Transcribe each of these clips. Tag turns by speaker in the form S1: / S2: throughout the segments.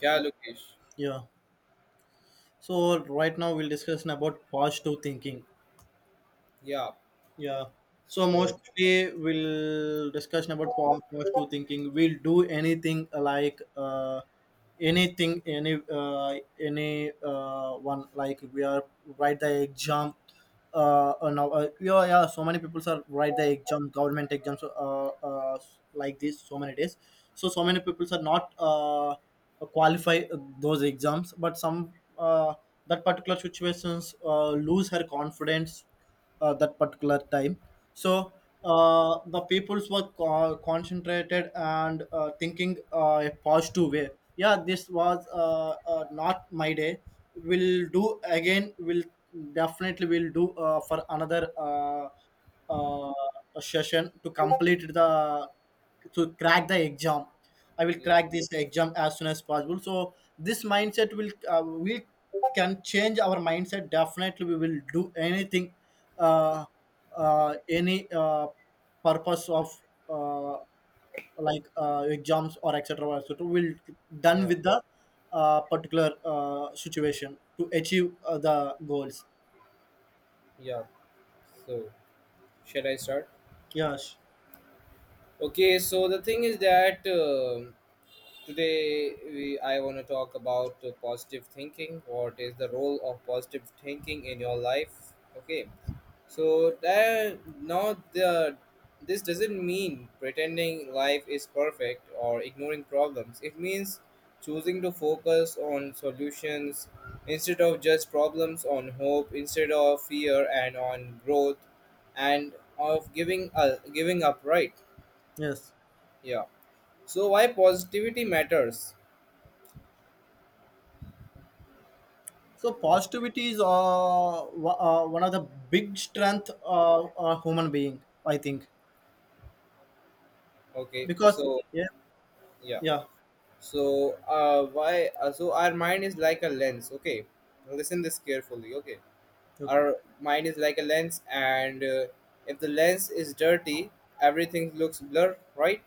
S1: Yeah, Lokesh.
S2: Yeah. So right now we'll discuss about positive thinking.
S1: Yeah.
S2: Yeah. So
S1: So
S2: mostly we'll discussion about positive thinking. We'll do anything like anything any one like we are write the exam. Now yeah, yeah. So many people are write the exam, government exams, uh, like this. So many days. So so many people are not qualify those exams, but some that particular situations lose her confidence that particular time, so the peoples were concentrated and thinking a positive way. Yeah, this was not my day. We'll do again. We'll definitely will do for another uh, session to complete the, to crack the exam. I will
S1: yeah,
S2: crack this exam as soon as possible. So this mindset will, we can change our mindset. Definitely, we will do anything, uh, any purpose of, uh, like exams or etc. etc. We'll done
S1: yeah,
S2: with the particular situation to achieve the goals.
S1: yeah. So should I start?
S2: Yes.
S1: Okay. So the thing is that. Today, I want to talk about positive thinking. What is the role of positive thinking in your life? Okay, so that not the this doesn't mean pretending life is perfect or ignoring problems. It means choosing to focus on solutions instead of just problems, on hope instead of fear, and on growth, and of giving up, right?
S2: Yes.
S1: Yeah. So why positivity matters?
S2: So positivity is one of the big strength of a human being, I think.
S1: Okay,
S2: Because
S1: so
S2: yeah,
S1: yeah,
S2: yeah,
S1: so why? So our mind is like a lens. Okay, listen this carefully. Okay,
S2: okay,
S1: our mind is like a lens, and if the lens is dirty, everything looks blur, right?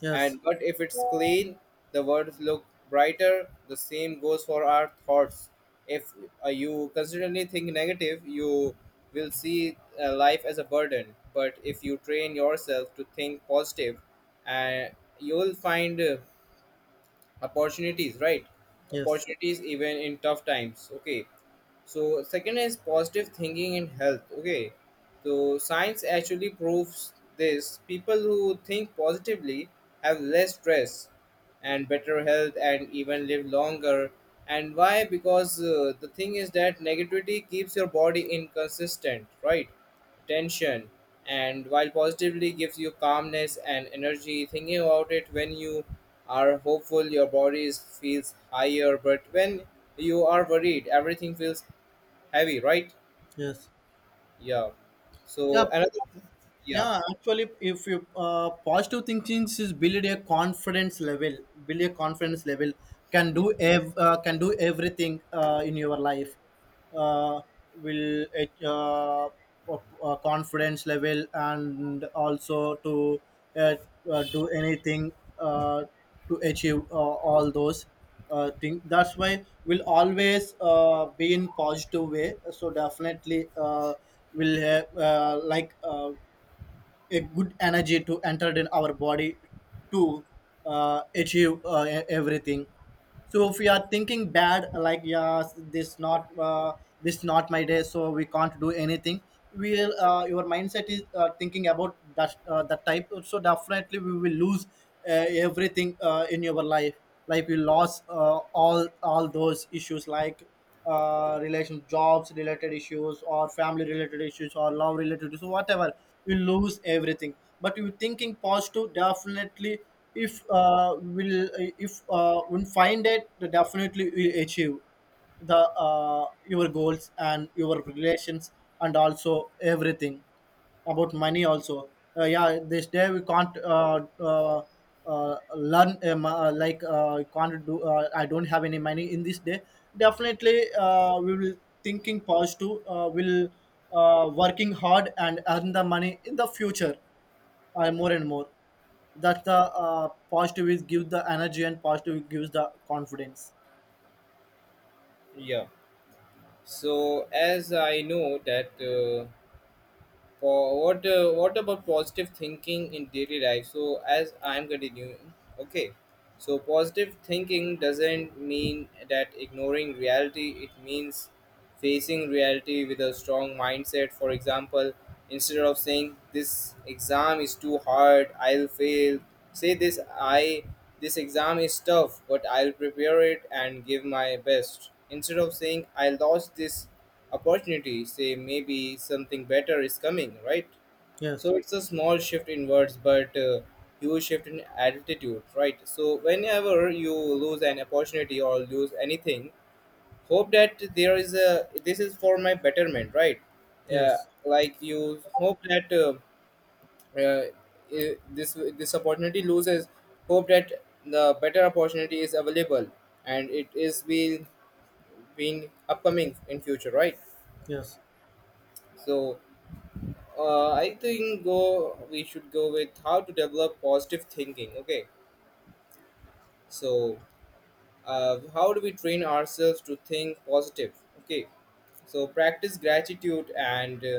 S2: yes,
S1: And but if it's clean, the words look brighter. The same goes for our thoughts. If you consistently think negative, you will see life as a burden. But if you train yourself to think positive, uh, you will find opportunities, right?
S2: yes,
S1: Opportunities even in tough times. Okay, so second is positive thinking in health. Okay, so science actually proves this. People who think positively have less stress and better health and even live longer. And why? Because the thing is that negativity keeps your body inconsistent, right? Tension. And while positively gives you calmness and energy. Thinking about it, when you are hopeful your body feels higher, but when you are worried everything feels heavy, right?
S2: yes,
S1: Yeah. So
S2: yeah,
S1: another, yeah,
S2: yeah. Actually, if you positive thinking is build a confidence level, build a confidence level, can
S1: yeah,
S2: do can do everything in your life. uh, will it, confidence level and also to uh, do anything uh, to achieve all those thing. That's why we'll always be in positive way, so definitely will have a good energy to entertain our body to achieve e- everything. So if we are thinking bad like, yeah, this not my day, so we can't do anything. We will, your mindset is thinking about that, that type, so definitely we will lose everything in your life, like we lost all those issues, like relation jobs related issues, or family related issues, or love related issues, whatever. You lose everything. But you thinking positive, definitely, if will if we find it, definitely will achieve the, your goals and your relations and also everything. About money also, yeah, this day we can't, learn, can't do, I don't have any money in this day. Definitely we will thinking positive. Will, working hard and earn the money in the future, more and more. That's the, positive is give the energy and positive gives the confidence.
S1: yeah. So as I know that, for what, what about positive thinking in daily life? So as I'm continuing, okay. So positive thinking doesn't mean that ignoring reality. It means facing reality with a strong mindset. For example, instead of saying this exam is too hard, I'll fail, say this exam is tough, but I'll prepare it and give my best. Instead of saying I lost this opportunity, say maybe something better is coming, right?
S2: Yes,
S1: So it's a small shift in words, but huge shift in attitude, right? So whenever you lose an opportunity or lose anything, hope that there is a this is for my betterment, right? Yeah.
S2: yes,
S1: Like you hope that, uh, this this opportunity loses, hope that the better opportunity is available and it is being upcoming in future, right?
S2: yes,
S1: So I think go we should go with how to develop positive thinking. Okay, so how do we train ourselves to think positive? Okay. So practice gratitude and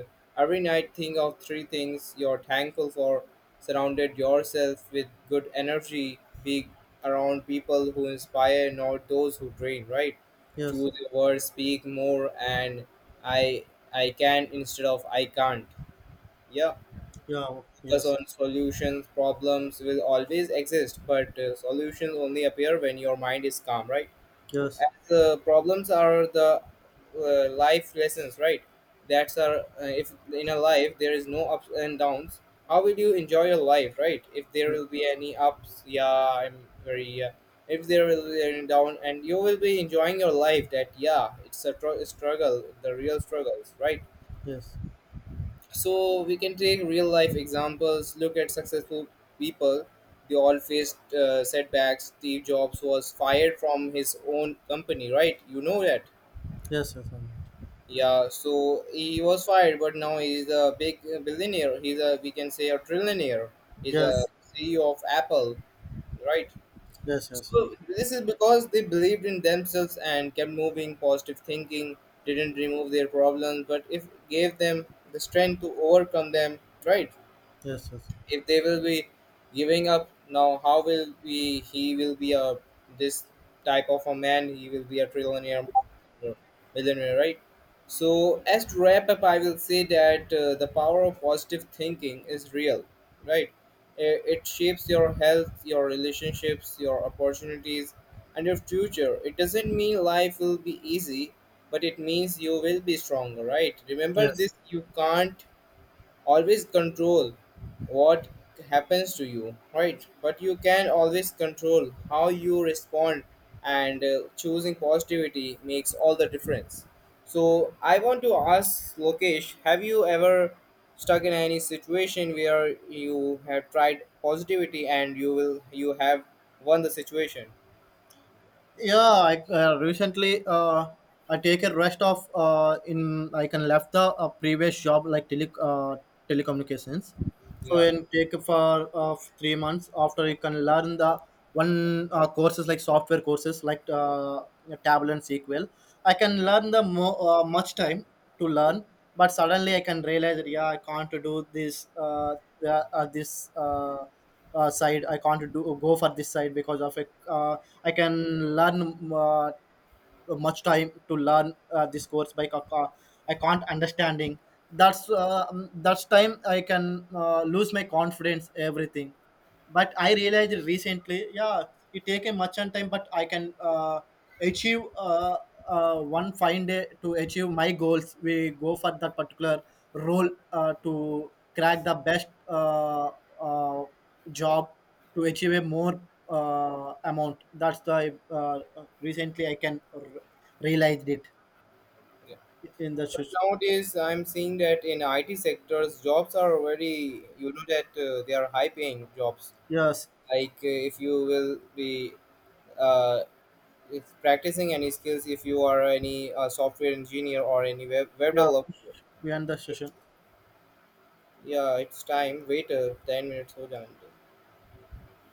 S1: every night think of three things you're thankful for. Surrounded yourself with good energy. Be around people who inspire, not those who drain, right?
S2: yes,
S1: Choose your words, speak more, and I I can instead of I can't. Yeah.
S2: yeah,
S1: Focus
S2: yes,
S1: on solutions. Problems will always exist, but solutions only appear when your mind is calm, right?
S2: yes,
S1: The problems are the life lessons, right? That's our, if in a life there is no ups and downs, how will you enjoy your life, right? If there
S2: yes, yes,
S1: will be any ups, yeah, I'm very if there will be any down and you will be enjoying your life, that yeah, it's a struggle, the real struggles, right?
S2: yes,
S1: So we can take real life examples. Look at successful people, they all faced setbacks. Steve Jobs was fired from his own company, right? You know that.
S2: yes, yes, yes,
S1: Yeah, so he was fired, but now he's a big billionaire. He's a, we can say, a trillionaire. He's a
S2: yes,
S1: CEO of Apple, right?
S2: yes, yes,
S1: So this is because they believed in themselves and kept moving. Positive thinking didn't remove their problems, but if gave them the strength to overcome them, right?
S2: yes, yes,
S1: If they will be giving up now, how will we? He will be a this type of a man. He will be a trillionaire, uh, millionaire, right? So as to wrap up, I will say that the power of positive thinking is real, right? It shapes your health, your relationships, your opportunities, and your future. It doesn't mean life will be easy, but it means you will be stronger, right? Remember
S2: yes.
S1: this: you can't always control what happens to you, right? But you can always control how you respond, and choosing positivity makes all the difference. So I want to ask Lokesh, have you ever stuck in any situation where you have tried positivity and you have won the situation?
S2: Yeah, I recently, I take a rest of in, I can left the previous job like telecommunications. So
S1: Yeah,
S2: and take for 3 months. After, you can learn the one courses, like software courses like Tableau and SQL. I can learn the much time to learn, but suddenly I can realize that, yeah, I can't do this this. Side, I can't do, go for this side because of a, I can learn much time to learn this course. By I can't understanding. That's that's time I can lose my confidence, everything. But I realized recently, yeah, it take a much on time, but I can achieve one fine day, to achieve my goals. We go for that particular role to crack the best uh, job to achieve a more amount. That's the, recently I can realized it
S1: yeah.
S2: in the
S1: But nowadays I'm seeing that in IT sectors jobs are already, you know that they are high paying jobs.
S2: yes,
S1: Like if you will be, uh, if practicing any skills, if you are any software engineer or any web
S2: yeah,
S1: developer,
S2: we end the session.
S1: yeah, it's time, wait, 10 minutes, hold on.